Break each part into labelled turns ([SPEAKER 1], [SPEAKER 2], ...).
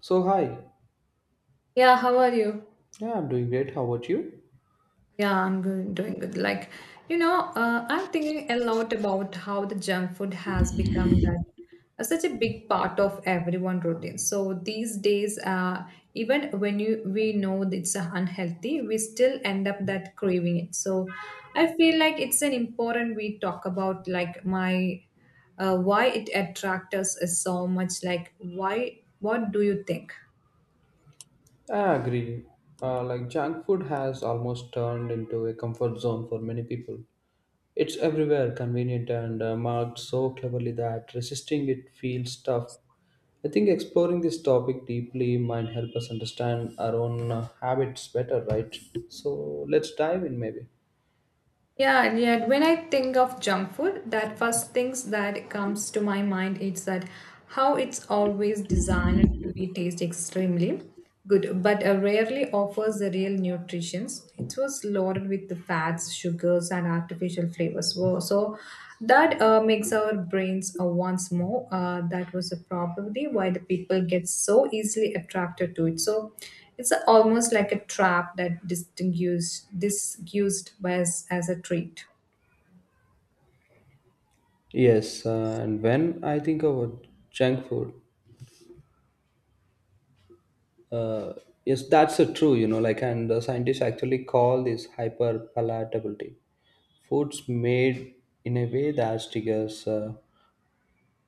[SPEAKER 1] So hi,
[SPEAKER 2] Yeah, how are you?
[SPEAKER 1] yeah, I'm doing great. How about you?
[SPEAKER 2] Yeah, I'm good, doing good. I'm thinking a lot about how the junk food has become that such a big part of everyone routine. So these days, even when you we know that it's unhealthy, we still end up that craving it. So I feel like it's an important we talk about like my why it attracts us so much. Like, why? What do you think?
[SPEAKER 1] I agree. Like junk food has almost turned into a comfort zone for many people. It's everywhere, convenient and marked so cleverly that resisting it feels tough. I think exploring this topic deeply might help us understand our own habits better, right? So let's dive in, maybe.
[SPEAKER 2] Yeah, and yet when I think of junk food, that first things that comes to my mind is that how it's always designed to be taste extremely good, but rarely offers the real nutritions. It was loaded with the fats, sugars, and artificial flavors. So that makes our brains once more. That was a probably why the people get so easily attracted to it. So almost like a trap that distinguished, disused as a treat.
[SPEAKER 1] Yes, and when I think about junk food, Uh, yes, that's true, you know, and scientists actually call this hyperpalatability. Foods made in a way that triggers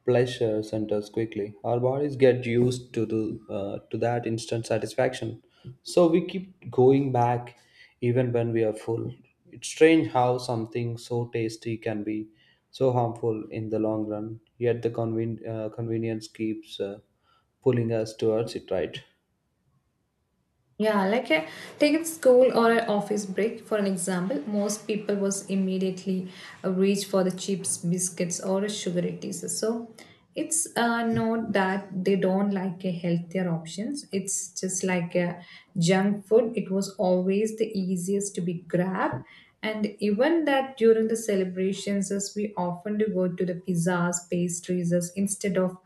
[SPEAKER 1] pleasure centers quickly. Our bodies get used to the to that instant satisfaction, so we keep going back even when we are full. It's strange how something so tasty can be so harmful in the long run. Yet the convenience keeps pulling us towards it, right?
[SPEAKER 2] Yeah, like a take a school or an office break for an example, most people was immediately reach for the chips, biscuits, or sugary teas. So it's not that they don't like a healthier options. It's just like a junk food. It was always the easiest to be grabbed, and even that during the celebrations, as we often do go to the pizzas, pastries, as instead of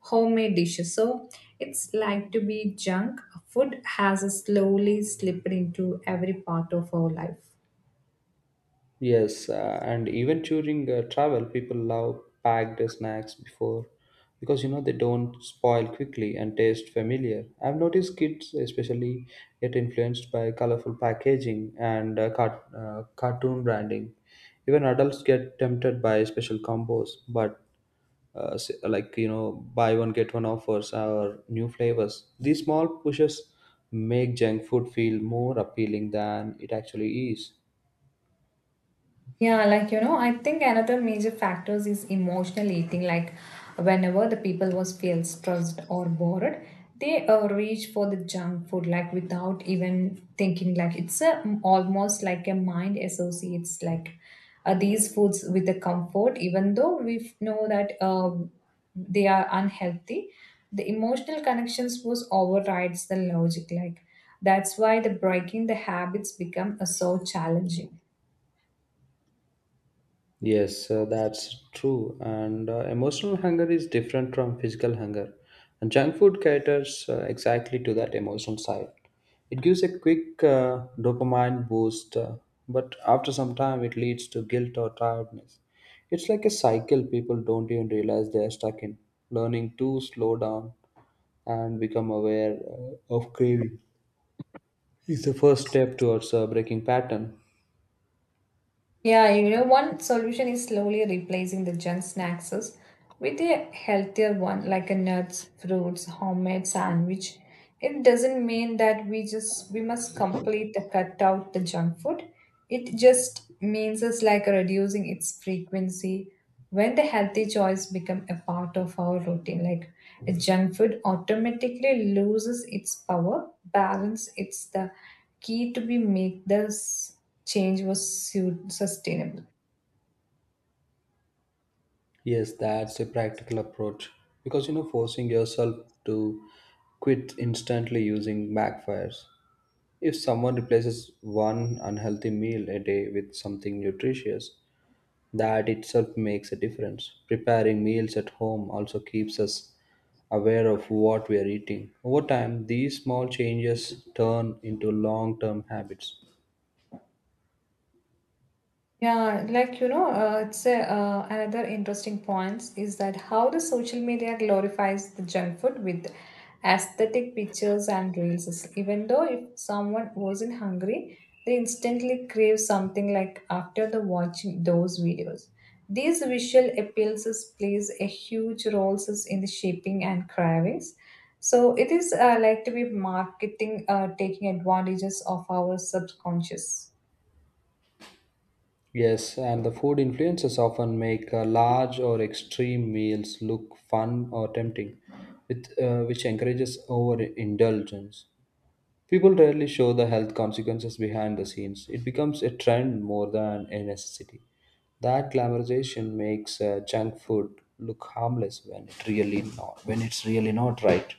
[SPEAKER 2] homemade dishes. So it's like to be junk. Food has slowly slipped into every part of our life.
[SPEAKER 1] Yes, and even during travel, people love packed snacks before because you know they don't spoil quickly and taste familiar. I've noticed kids, especially, get influenced by colorful packaging and cartoon branding. Even adults get tempted by special combos, but you know, buy one get one offers or new flavors. These small pushes make junk food feel more appealing than it actually is.
[SPEAKER 2] I think another major factors is emotional eating. Like whenever the people was feel stressed or bored, they reach for the junk food like without even thinking. Like almost like a mind associates these foods with the comfort, even though we know that they are unhealthy. The emotional connections was overrides the logic. Like that's why the breaking the habits become so challenging.
[SPEAKER 1] Yes, that's true. And emotional hunger is different from physical hunger. And junk food caters exactly to that emotional side. It gives a quick dopamine boost, but after some time, it leads to guilt or tiredness. It's like a cycle people don't even realize they are stuck in. Learning to slow down and become aware of craving is the first step towards breaking pattern.
[SPEAKER 2] Yeah, you know, one solution is slowly replacing the junk snacks with a healthier one, like a nuts, fruits, homemade sandwich. It doesn't mean that we must complete the cut out the junk food. It just means it's like reducing its frequency when the healthy choice become a part of our routine. Like a junk food automatically loses its power, balance its the key to be make this change was sustainable.
[SPEAKER 1] Yes, that's a practical approach because you know forcing yourself to quit instantly using backfires. If someone replaces one unhealthy meal a day with something nutritious, that itself makes a difference. Preparing meals at home also keeps us aware of what we are eating. Over time, these small changes turn into long-term habits.
[SPEAKER 2] Another interesting point is that how the social media glorifies the junk food with aesthetic pictures and reels. Even though if someone wasn't hungry, they instantly crave something like after the watching those videos. These visual plays a huge role is in the shaping and cravings. So it is like to be marketing taking advantages of our subconscious.
[SPEAKER 1] Yes, and the food influences often make large or extreme meals look fun or tempting, which encourages overindulgence. People rarely show the health consequences behind the scenes. It becomes a trend more than a necessity. That glamorization makes junk food look harmless when it's really not, right.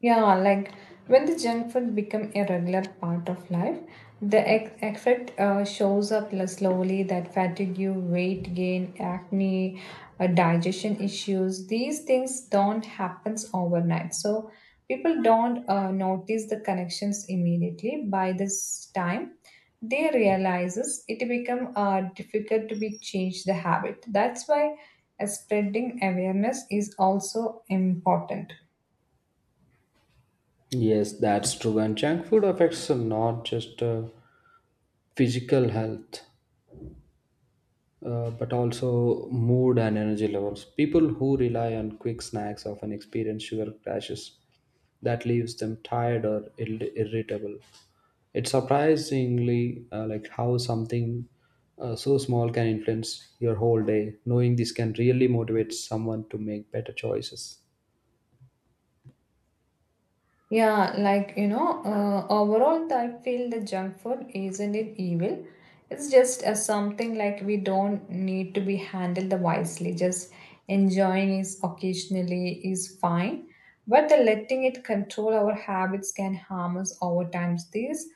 [SPEAKER 2] Yeah, like when the junk food become a regular part of life, the effect shows up less slowly that fatigue, weight gain, acne, digestion issues, these things don't happens overnight. So people don't notice the connections immediately. By this time, they realizes it become difficult to be changed the habit. That's why spreading awareness is also important.
[SPEAKER 1] Yes, that's true. And junk food affects not just physical health but also mood and energy levels. People who rely on quick snacks often experience sugar crashes that leaves them tired or irritable. It's surprisingly like how something so small can influence your whole day. Knowing this can really motivate someone to make better choices.
[SPEAKER 2] Overall, I feel the junk food isn't it evil. It's just something like we don't need to be handled the wisely. Just enjoying is occasionally is fine, but the letting it control our habits can harm us over time. These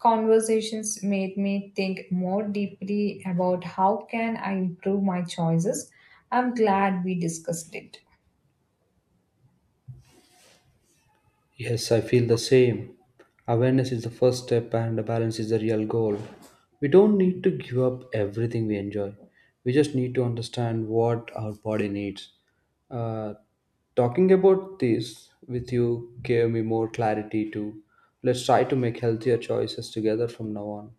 [SPEAKER 2] conversations made me think more deeply about how can I improve my choices. I'm glad we discussed it.
[SPEAKER 1] Yes, I feel the same. Awareness is the first step, and the balance is the real goal. We don't need to give up everything we enjoy. We just need to understand what our body needs. Uh, Talking about this with you gave me more clarity too. Let's try to make healthier choices together from now on.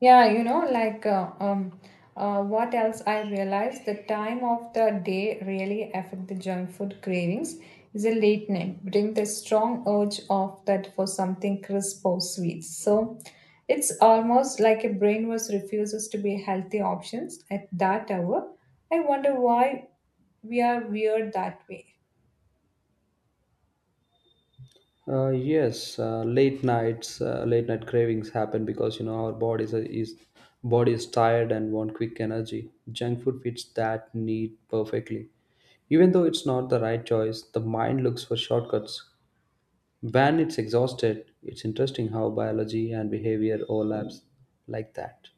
[SPEAKER 2] Yeah, you know, like uh, um, what else I realized the time of the day really affect the junk food cravings is a late night bring the strong urge of that for something crisp or sweet. So it's almost like a brain was refuses to be healthy options at that hour. I wonder why we are weird that way.
[SPEAKER 1] Yes, late night cravings happen because you know our bodies are, is body is tired and want quick energy. Junk food fits that need perfectly. Even though it's not the right choice, the mind looks for shortcuts. When it's exhausted, it's interesting how biology and behavior overlaps like that.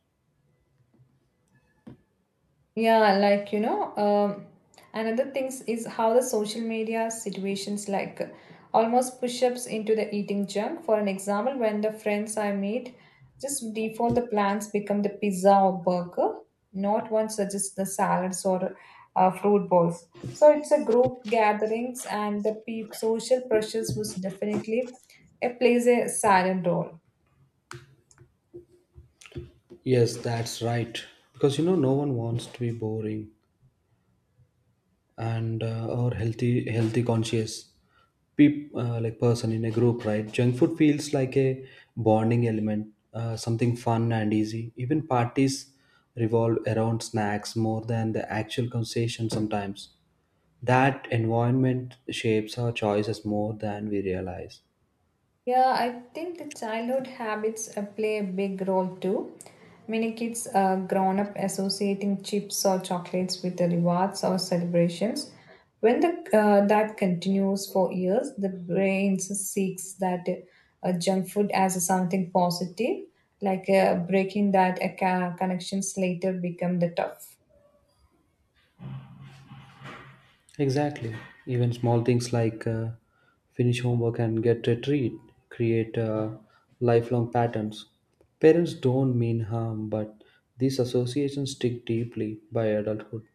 [SPEAKER 2] Yeah, like you know, um, Another things is how the social media situations almost push-ups into the eating junk. For an example, when the friends I meet just default the plans become the pizza or burger, not one suggests the salads or fruit bowls. So it's a group gatherings and the peop social pressures was definitely it plays a silent role.
[SPEAKER 1] Yes, that's right. Because you know, no one wants to be boring. And or healthy conscious peop, like person in a group, right? Junk food feels like a bonding element, something fun and easy. Even parties revolve around snacks more than the actual conversation sometimes. That environment shapes our choices more than we realize.
[SPEAKER 2] Yeah, I think the childhood habits play a big role too. Many kids grown up associating chips or chocolates with the rewards or celebrations. When the, that continues for years, the brain seeks that junk food as something positive, breaking that connections later become the tough.
[SPEAKER 1] Exactly. Even small things like finish homework and get a treat create lifelong patterns. Parents don't mean harm, but these associations stick deeply by adulthood.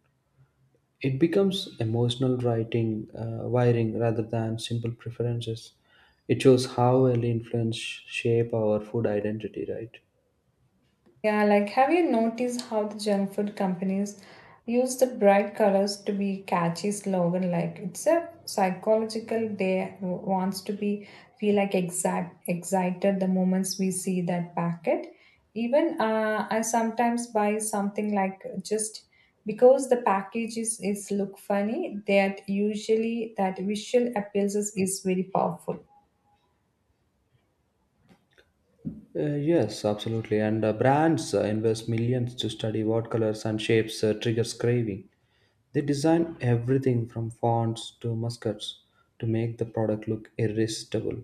[SPEAKER 1] It becomes emotional wiring rather than simple preferences. It shows how early influence shape our food identity, right?
[SPEAKER 2] Yeah, like have you noticed how the junk food companies use the bright colors to be catchy slogan? Like it's a psychological day wants to be feel like exact excited the moments we see that packet. Even I sometimes buy something like just because the is look funny. That usually that visual is very powerful.
[SPEAKER 1] Yes, absolutely. And brands invest millions to study what colors and shapes triggers craving. They design everything from fonts to muskets to make the product look irresistible.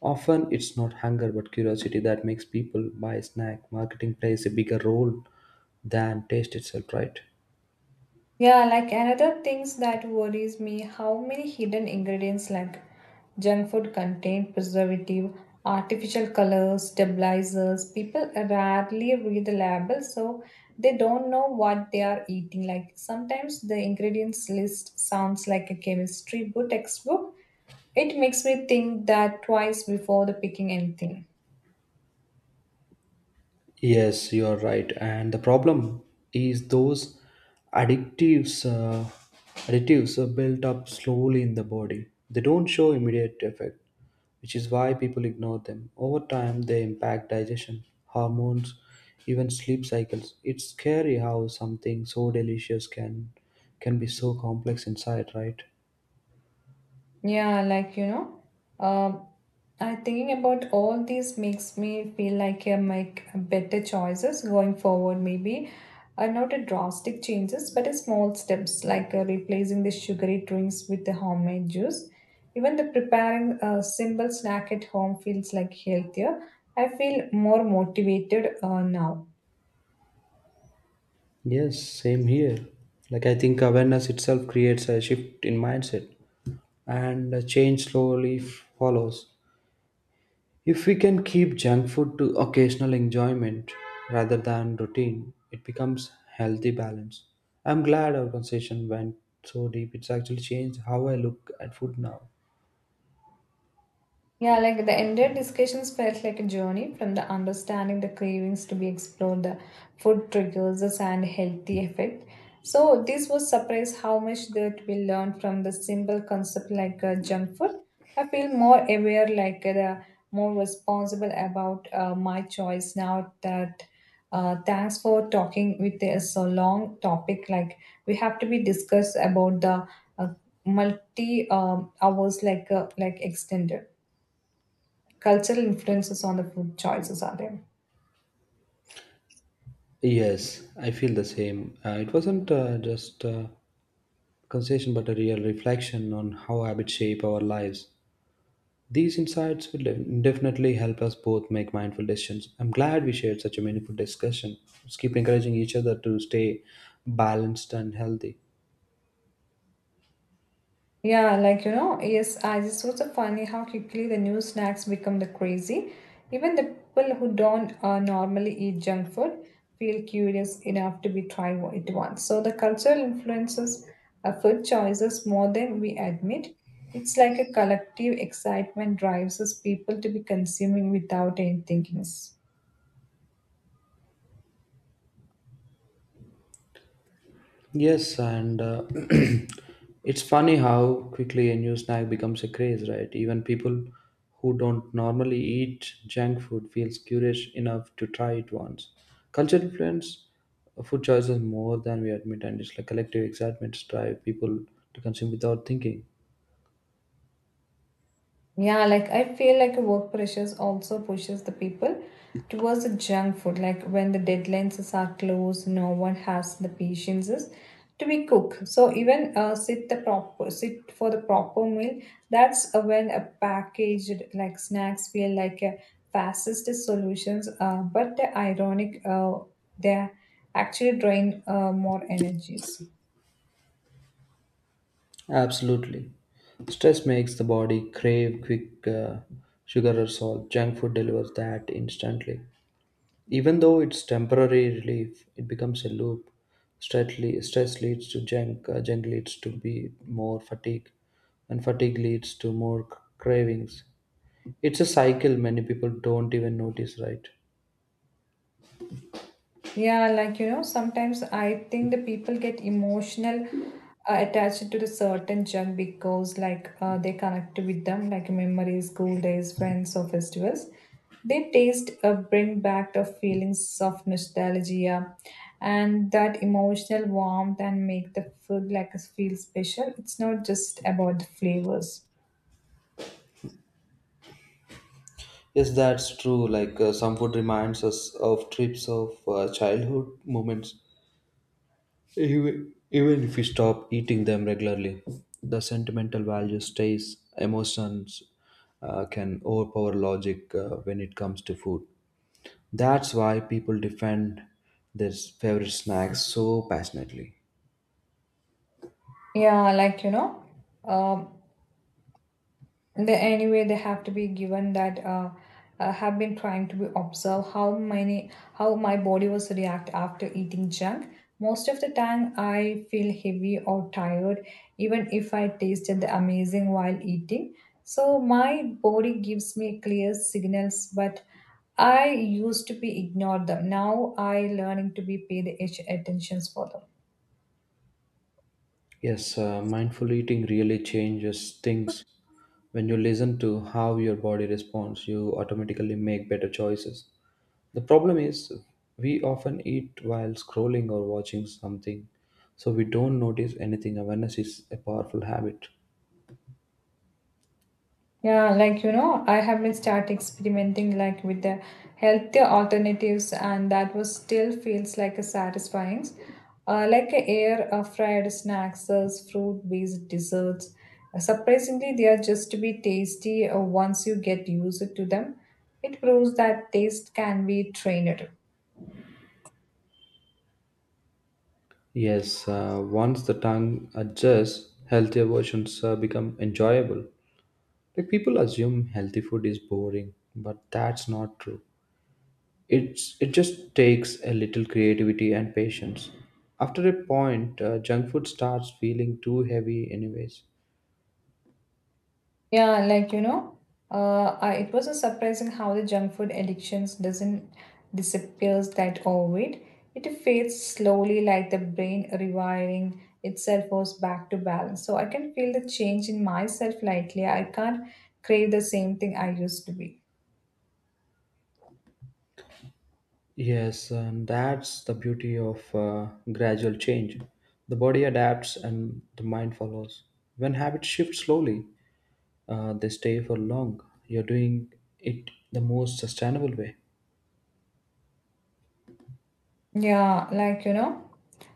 [SPEAKER 1] Often it's not hunger but curiosity that makes people buy a snack. Marketing plays a bigger role than taste itself, right?
[SPEAKER 2] Yeah, like another things that worries me how many hidden ingredients like junk food contain preservative, artificial colors, stabilizers. People rarely read the label so they don't know what they are eating. Like sometimes the ingredients list sounds like a chemistry book textbook. It makes me think that twice before the picking anything.
[SPEAKER 1] Yes, you are right. And the problem is those addictives, uh, additives are built up slowly in the body. They don't show immediate effect, which is why people ignore them. Over time, they impact digestion, hormones, even sleep cycles. It's scary how something so delicious can be so complex inside, right?
[SPEAKER 2] Yeah, like you know, um, I thinking about all these makes me feel like I make better choices going forward. Maybe not a drastic changes, but a small steps replacing the sugary drinks with the homemade juice. Even the preparing a simple snack at home feels like healthier. I feel more motivated now.
[SPEAKER 1] Yes, same here. Like I think awareness itself creates a shift in mindset and a change slowly follows. If we can keep junk food to occasional enjoyment rather than routine, it becomes healthy balance. I'm glad our conversation went so deep. It's actually changed how I look at food now.
[SPEAKER 2] Yeah, like the entire discussions felt like a journey from the understanding the cravings to be explored, the food triggers us and healthy effect. So this was surprise how much that we learned from the simple concept junk food. I feel more aware, the more responsible about my choice now. That thanks for talking with a so long topic. Like we have to be discussed about the uh, multi hours like extended cultural influences on the food choices are there.
[SPEAKER 1] Yes, I feel the same. It wasn't just a conversation, but a real reflection on how habits shape our lives. These insights will definitely help us both make mindful decisions. I'm glad we shared such a meaningful discussion. Let's keep encouraging each other to stay balanced and healthy.
[SPEAKER 2] Yeah, like you know, yes, I just was so funny how quickly the new snacks become the crazy. Even the people who don't normally eat junk food feel curious enough to be try it once. So the cultural influences our food choices more than we admit. It's like a collective excitement drives us people to be consuming without any thinking.
[SPEAKER 1] Yes, and it's funny how quickly a new snack becomes a craze, right? Even people who don't normally eat junk food feels curious enough to try it once. Culture influence food choices more than we admit, and it's like collective excitement drive people to consume without thinking.
[SPEAKER 2] Yeah, like I feel like work pressures also pushes the people towards the junk food. Like when the deadlines are close, no one has the patience to be cooked. So even sit for the proper meal. That's when a packaged like snacks feel like a fastest solutions. But the ironic, they actually drain more energies.
[SPEAKER 1] Absolutely. Stress makes the body crave quick sugar or salt. Junk food delivers that instantly. Even though it's temporary relief, it becomes a loop. Stress leads to junk, junk leads to be more fatigue, and fatigue leads to more cravings. It's a cycle many people don't even notice, right?
[SPEAKER 2] Sometimes I think the people get emotional attached to the certain junk because they connect with them, like memories, school days, friends, or festivals. They taste bring back the feelings of nostalgia and that emotional warmth and make the food like us feel special. It's not just about the flavors.
[SPEAKER 1] Yes, that's true. Like some food reminds us of trips of childhood moments. Even if we stop eating them regularly, the sentimental value stays. Emotions can overpower logic when it comes to food. That's why people defend their favorite snacks so passionately.
[SPEAKER 2] Yeah, like you know, um, they have to be given that have been trying to be observe how many how my body was react after eating junk. Most of the time I feel heavy or tired, even if I tasted the amazing while eating. So my body gives me clear signals, but I used to be ignore them. Now I learning to be pay the attentions for them.
[SPEAKER 1] Yes, mindful eating really changes things. When you listen to how your body responds, you automatically make better choices. The problem is, we often eat while scrolling or watching something, so we don't notice anything. Awareness is a powerful habit.
[SPEAKER 2] I have been start experimenting like with the healthier alternatives, and that was still feels like a satisfying. Like a air fried snacks, fruit-based desserts. Surprisingly, they are just to be tasty once you get used to them. It proves that taste can be trained.
[SPEAKER 1] Yes, once the tongue adjusts, healthier versions become enjoyable. Like people assume healthy food is boring, but that's not true. It just takes a little creativity and patience. After a point, junk food starts feeling too heavy, anyways.
[SPEAKER 2] Yeah, like you know, it was a surprising how the junk food addictions doesn't disappears that overnight. It fades slowly, like the brain rewiring itself goes back to balance. So I can feel the change in myself lately. I can't crave the same thing I used to be.
[SPEAKER 1] Yes, and that's the beauty of gradual change. The body adapts and the mind follows. When habits shift slowly, they stay for long. You're doing it the most sustainable way.
[SPEAKER 2] Yeah, like you know,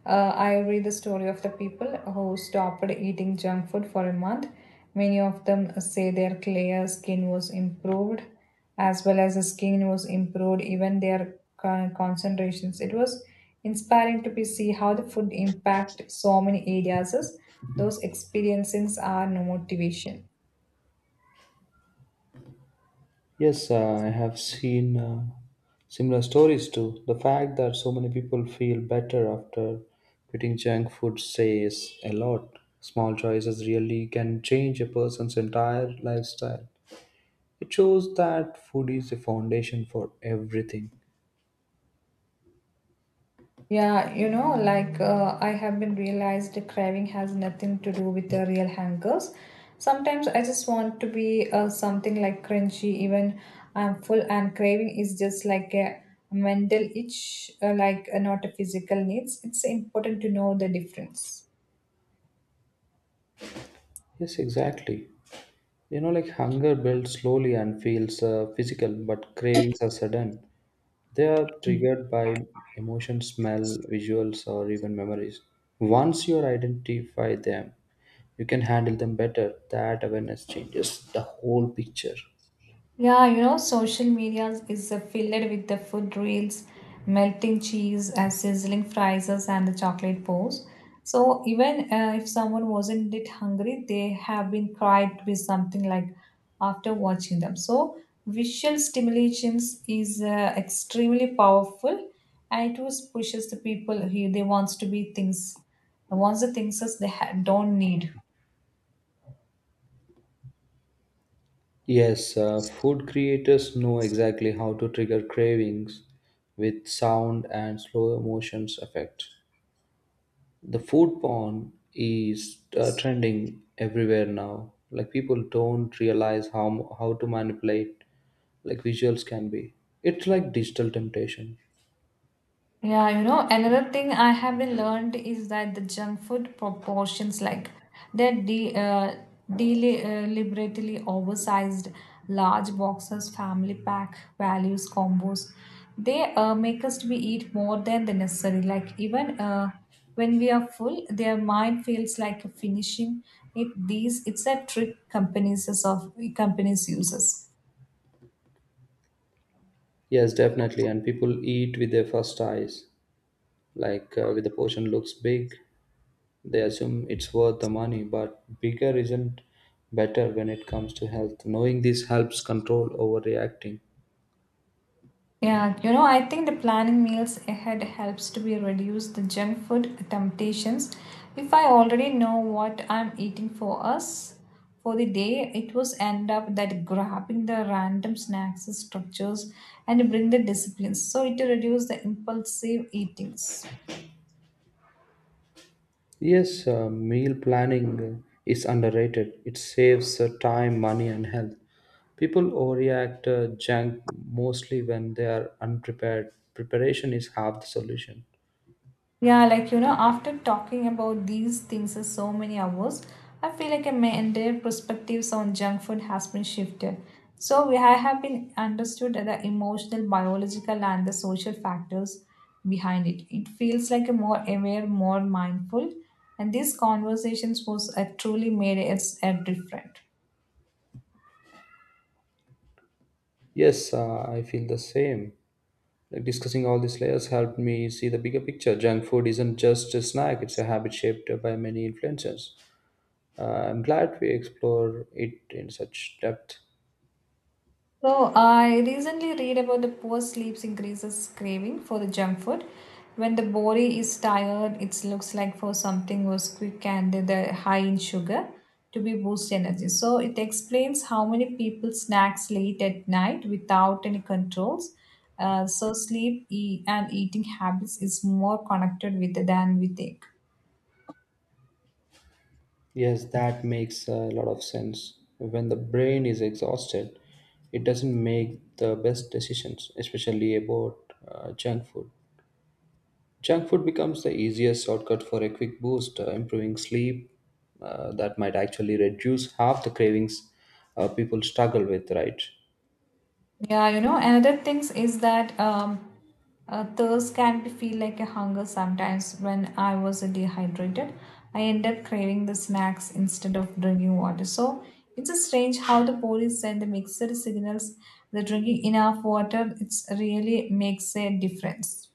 [SPEAKER 2] I read the story of the people who stopped eating junk food for a month. Many of them say their clear skin was improved, as well as the skin was improved, even their concentrations. It was inspiring to be see how the food impact so many areas. Is Those experiences are no motivation.
[SPEAKER 1] Yes, I have seen similar stories too. The fact that so many people feel better after quitting junk food says a lot. Small choices really can change a person's entire lifestyle. It shows that food is the foundation for everything.
[SPEAKER 2] I have been realized the craving has nothing to do with the real hangers. Sometimes I just want to be something like crunchy, even I'm full, and craving is just like a mental itch, not a physical needs. It's important to know the difference.
[SPEAKER 1] Yes, exactly. You know, like hunger builds slowly and feels physical, but cravings are sudden. They are triggered by emotion, smell, visuals, or even memories. Once you identify them, you can handle them better. That awareness changes the whole picture.
[SPEAKER 2] Yeah, you know, social media is filled with the food reels, melting cheese, and sizzling fries, and the chocolate bars. So even if someone wasn't that hungry, they have been cried with something like after watching them. So visual stimulations is extremely powerful, and it was pushes the people here. They wants to be things, wants the things that don't need.
[SPEAKER 1] Yes, food creators know exactly how to trigger cravings with sound and slow motions effect. The food porn is trending everywhere now. Like people don't realize how to manipulate like visuals can be. It's like digital temptation.
[SPEAKER 2] Yeah, you know, another thing I have been learned is that the junk food proportions, like they're de uh, deliberately oversized large boxes, family pack, values, combos. They make us to be eat more than the necessary. Like even when we are full, their mind feels like a finishing it. These it's a trick companies uses.
[SPEAKER 1] Yes, definitely. And people eat with their first eyes. Like with the portion looks big, they assume it's worth the money. But bigger isn't better when it comes to health. Knowing this helps control overreacting.
[SPEAKER 2] Yeah, you know, I think the planning meals ahead helps to be reduce the junk food temptations. If I already know what I'm eating for us for the day, it was end up that grabbing the random snacks and structures and bring the disciplines. So it reduce the impulsive eatings.
[SPEAKER 1] Yes, meal planning is underrated. It saves time, money, and health. People overreact junk mostly when they are unprepared. Preparation is half the solution.
[SPEAKER 2] Yeah, like you know, after talking about these things for so many hours, I feel like my entire perspectives on junk food has been shifted. So we I have been understood the emotional, biological, and the social factors behind it. It feels like a more aware, more mindful, and these conversations was truly made us a different.
[SPEAKER 1] Yes, I feel the same. Like discussing all these layers helped me see the bigger picture. Junk food isn't just a snack, it's a habit shaped by many influences. Uh, I'm glad we explore it in such depth.
[SPEAKER 2] So I recently read about the poor sleep increases craving for the junk food. When the body is tired, it looks like for something was quick and the high in sugar to be boost energy. So it explains how many people snacks late at night without any controls. So sleep and eating habits is more connected with than we think.
[SPEAKER 1] Yes, that makes a lot of sense. When the brain is exhausted, it doesn't make the best decisions, especially about junk food. Junk food becomes the easiest shortcut for a quick boost, improving sleep. That might actually reduce half the cravings people struggle with, right?
[SPEAKER 2] Yeah, you know, another things is that thirst can be feel like a hunger sometimes. When I was dehydrated, I end up craving the snacks instead of drinking water. So it's a strange how the body send the mixer signals. The drinking enough water, it's really makes a difference.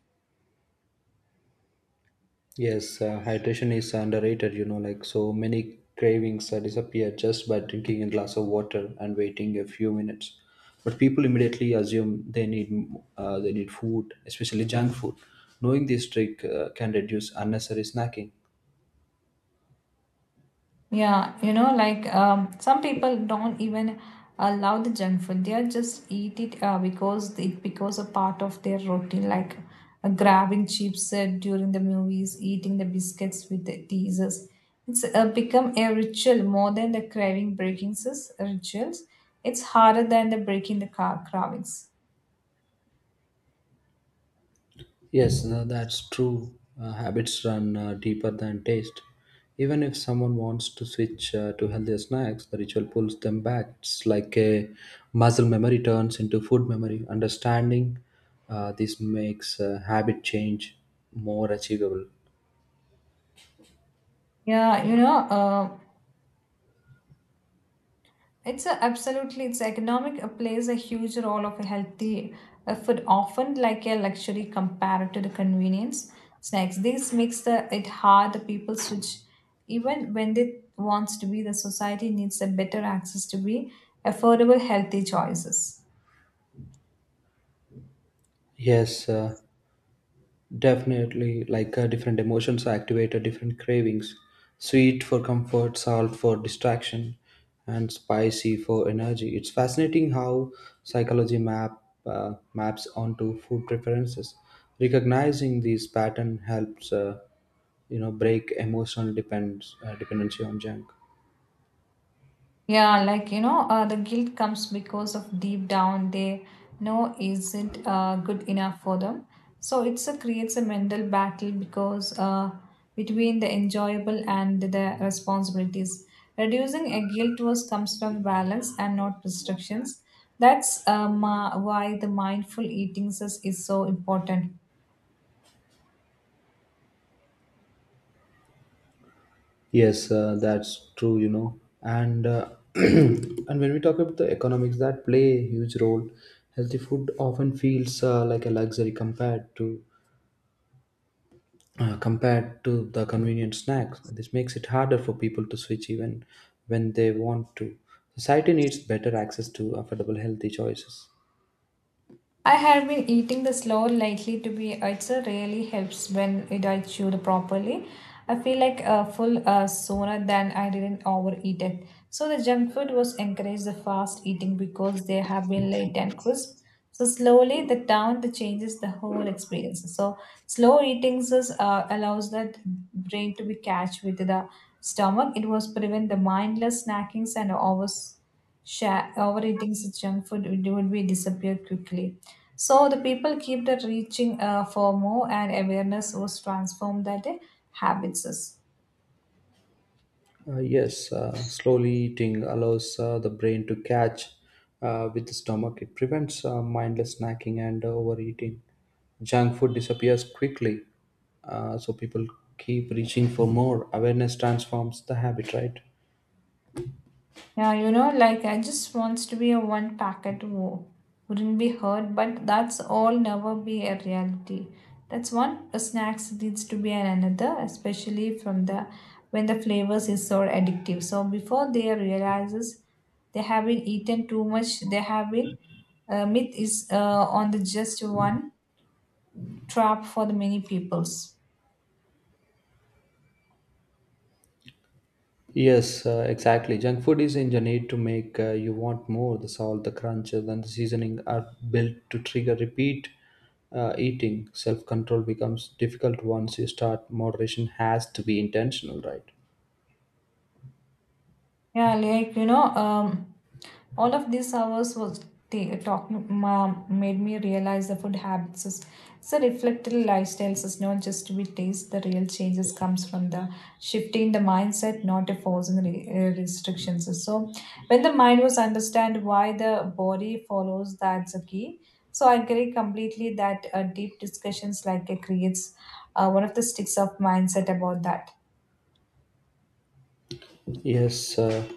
[SPEAKER 1] Yes, hydration is underrated, you know, like so many cravings disappear just by drinking a glass of water and waiting a few minutes. But people immediately assume they need food, especially junk food. Knowing this trick can reduce unnecessary snacking.
[SPEAKER 2] Yeah, you know, like some people don't even allow the junk food. They are just eat it because it becomes a part of their routine, like grabbing chips during the movies, eating the biscuits with the teasers. It's become a ritual more than the rituals. It's harder than the breaking the car cravings.
[SPEAKER 1] Yes, that's true. Habits run deeper than taste. Even if someone wants to switch to healthier snacks, the ritual pulls them back. It's like a muscle memory turns into food memory. Understanding this makes habit change more achievable.
[SPEAKER 2] Yeah, you know, absolutely it's economic plays a huge role of a healthy food often like a luxury compared to the convenience snacks. This makes the it hard the people switch even when they wants to be the society needs a better access to be affordable healthy choices.
[SPEAKER 1] Yes, definitely, like different emotions activate different cravings. Sweet for comfort, salt for distraction, and spicy for energy. It's fascinating how psychology maps onto food preferences. Recognizing these pattern helps, you know, break emotional depends dependency on junk.
[SPEAKER 2] Yeah, like you know, the guilt comes because of deep down they know isn't good enough for them. So it's a creates a mental battle because between the enjoyable and the responsibilities. Reducing a guilt was comes from balance and not restrictions. That's why the mindful eating is so important.
[SPEAKER 1] Yes, that's true, you know. And and when we talk about the economics that play a huge role, healthy food often feels like a luxury compared to the convenient snacks. This makes it harder for people to switch even when they want to. Society needs better access to affordable healthy choices.
[SPEAKER 2] I have been eating the slow lately to be it really helps when it I chewed properly. I feel like full sooner than I didn't overeat it. So the junk food was encouraged the fast eating because they have been light and crisp. So slowly the down the changes the whole experience. So slow eating is, allows that brain to be catch with the stomach. It was prevent the mindless snackings and overs sha overeating such junk food would be disappear quickly. So the people keep the reaching for more, and awareness was transformed that habits.
[SPEAKER 1] Yes, slowly eating allows the brain to catch with the stomach. It prevents mindless snacking and overeating. Junk food disappears quickly, so people keep reaching for more. Awareness transforms the habit, right?
[SPEAKER 2] Yeah, you know, like I just wants to be a one packet war. Wouldn't be heard, but that's all never be a reality. That's one snacks needs to be an another, especially from the when the flavors is so addictive. So before they realizes they have been eaten too much, they have been myth is on the just one trap for the many peoples.
[SPEAKER 1] Yes, exactly. Junk food is engineered to make you want more. The salt, the crunch, and the seasoning are built to trigger repeat eating. Self control becomes difficult once you start. Moderation has to be intentional, right?
[SPEAKER 2] Yeah, like you know, all of these hours was made me realize the food habits is it's a reflective lifestyles. It's not just with taste. The real changes comes from the shifting the mindset, not a restrictions. So when the mind was understand why the body follows, that's a key. So I agree completely that deep discussions like it creates one of the sticks of mindset about that.
[SPEAKER 1] Yes, uh,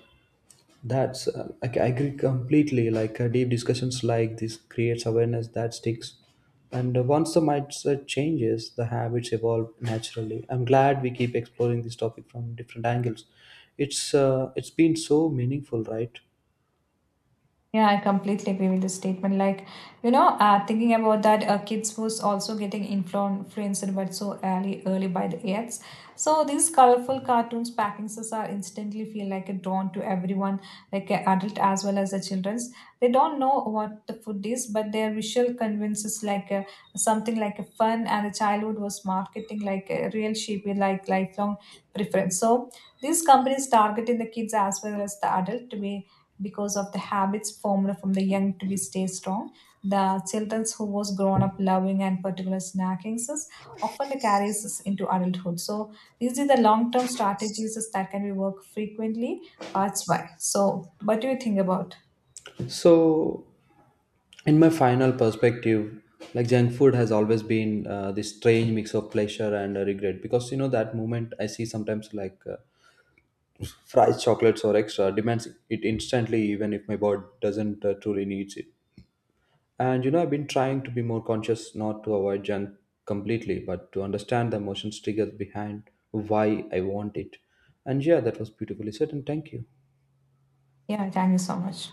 [SPEAKER 1] that's uh, I, I agree completely. Like deep discussions like this creates awareness that sticks, and once the mindset changes, the habits evolve naturally. I'm glad we keep exploring this topic from different angles. It's been so meaningful, right?
[SPEAKER 2] Yeah, I completely agree with the statement. Like, you know, thinking about that, kids was also getting influenced, but so early, early by the ads. So these colorful cartoons packings us are instantly feel like a drawn to everyone, like adult as well as the childrens. They don't know what the food is, but their visual convinces like something like a fun, and the childhood was marketing like a real sheep with like lifelong preference. So these companies targeting the kids as well as the adult to be because of the habits formed from the young to be stay strong. The children who was grown up loving and particular snacking is often the carries us into adulthood. So these are the long-term strategies that can be worked frequently. That's why. So what do you think about?
[SPEAKER 1] So, in my final perspective, like junk food has always been this strange mix of pleasure and regret because you know that moment I see sometimes like. Fries, chocolates, or extra demands it instantly, even if my body doesn't truly needs it. And you know, I've been trying to be more conscious not to avoid junk completely, but to understand the emotions triggers behind why I want it. And yeah, that was beautifully said, and thank you.
[SPEAKER 2] Yeah, thank you so much.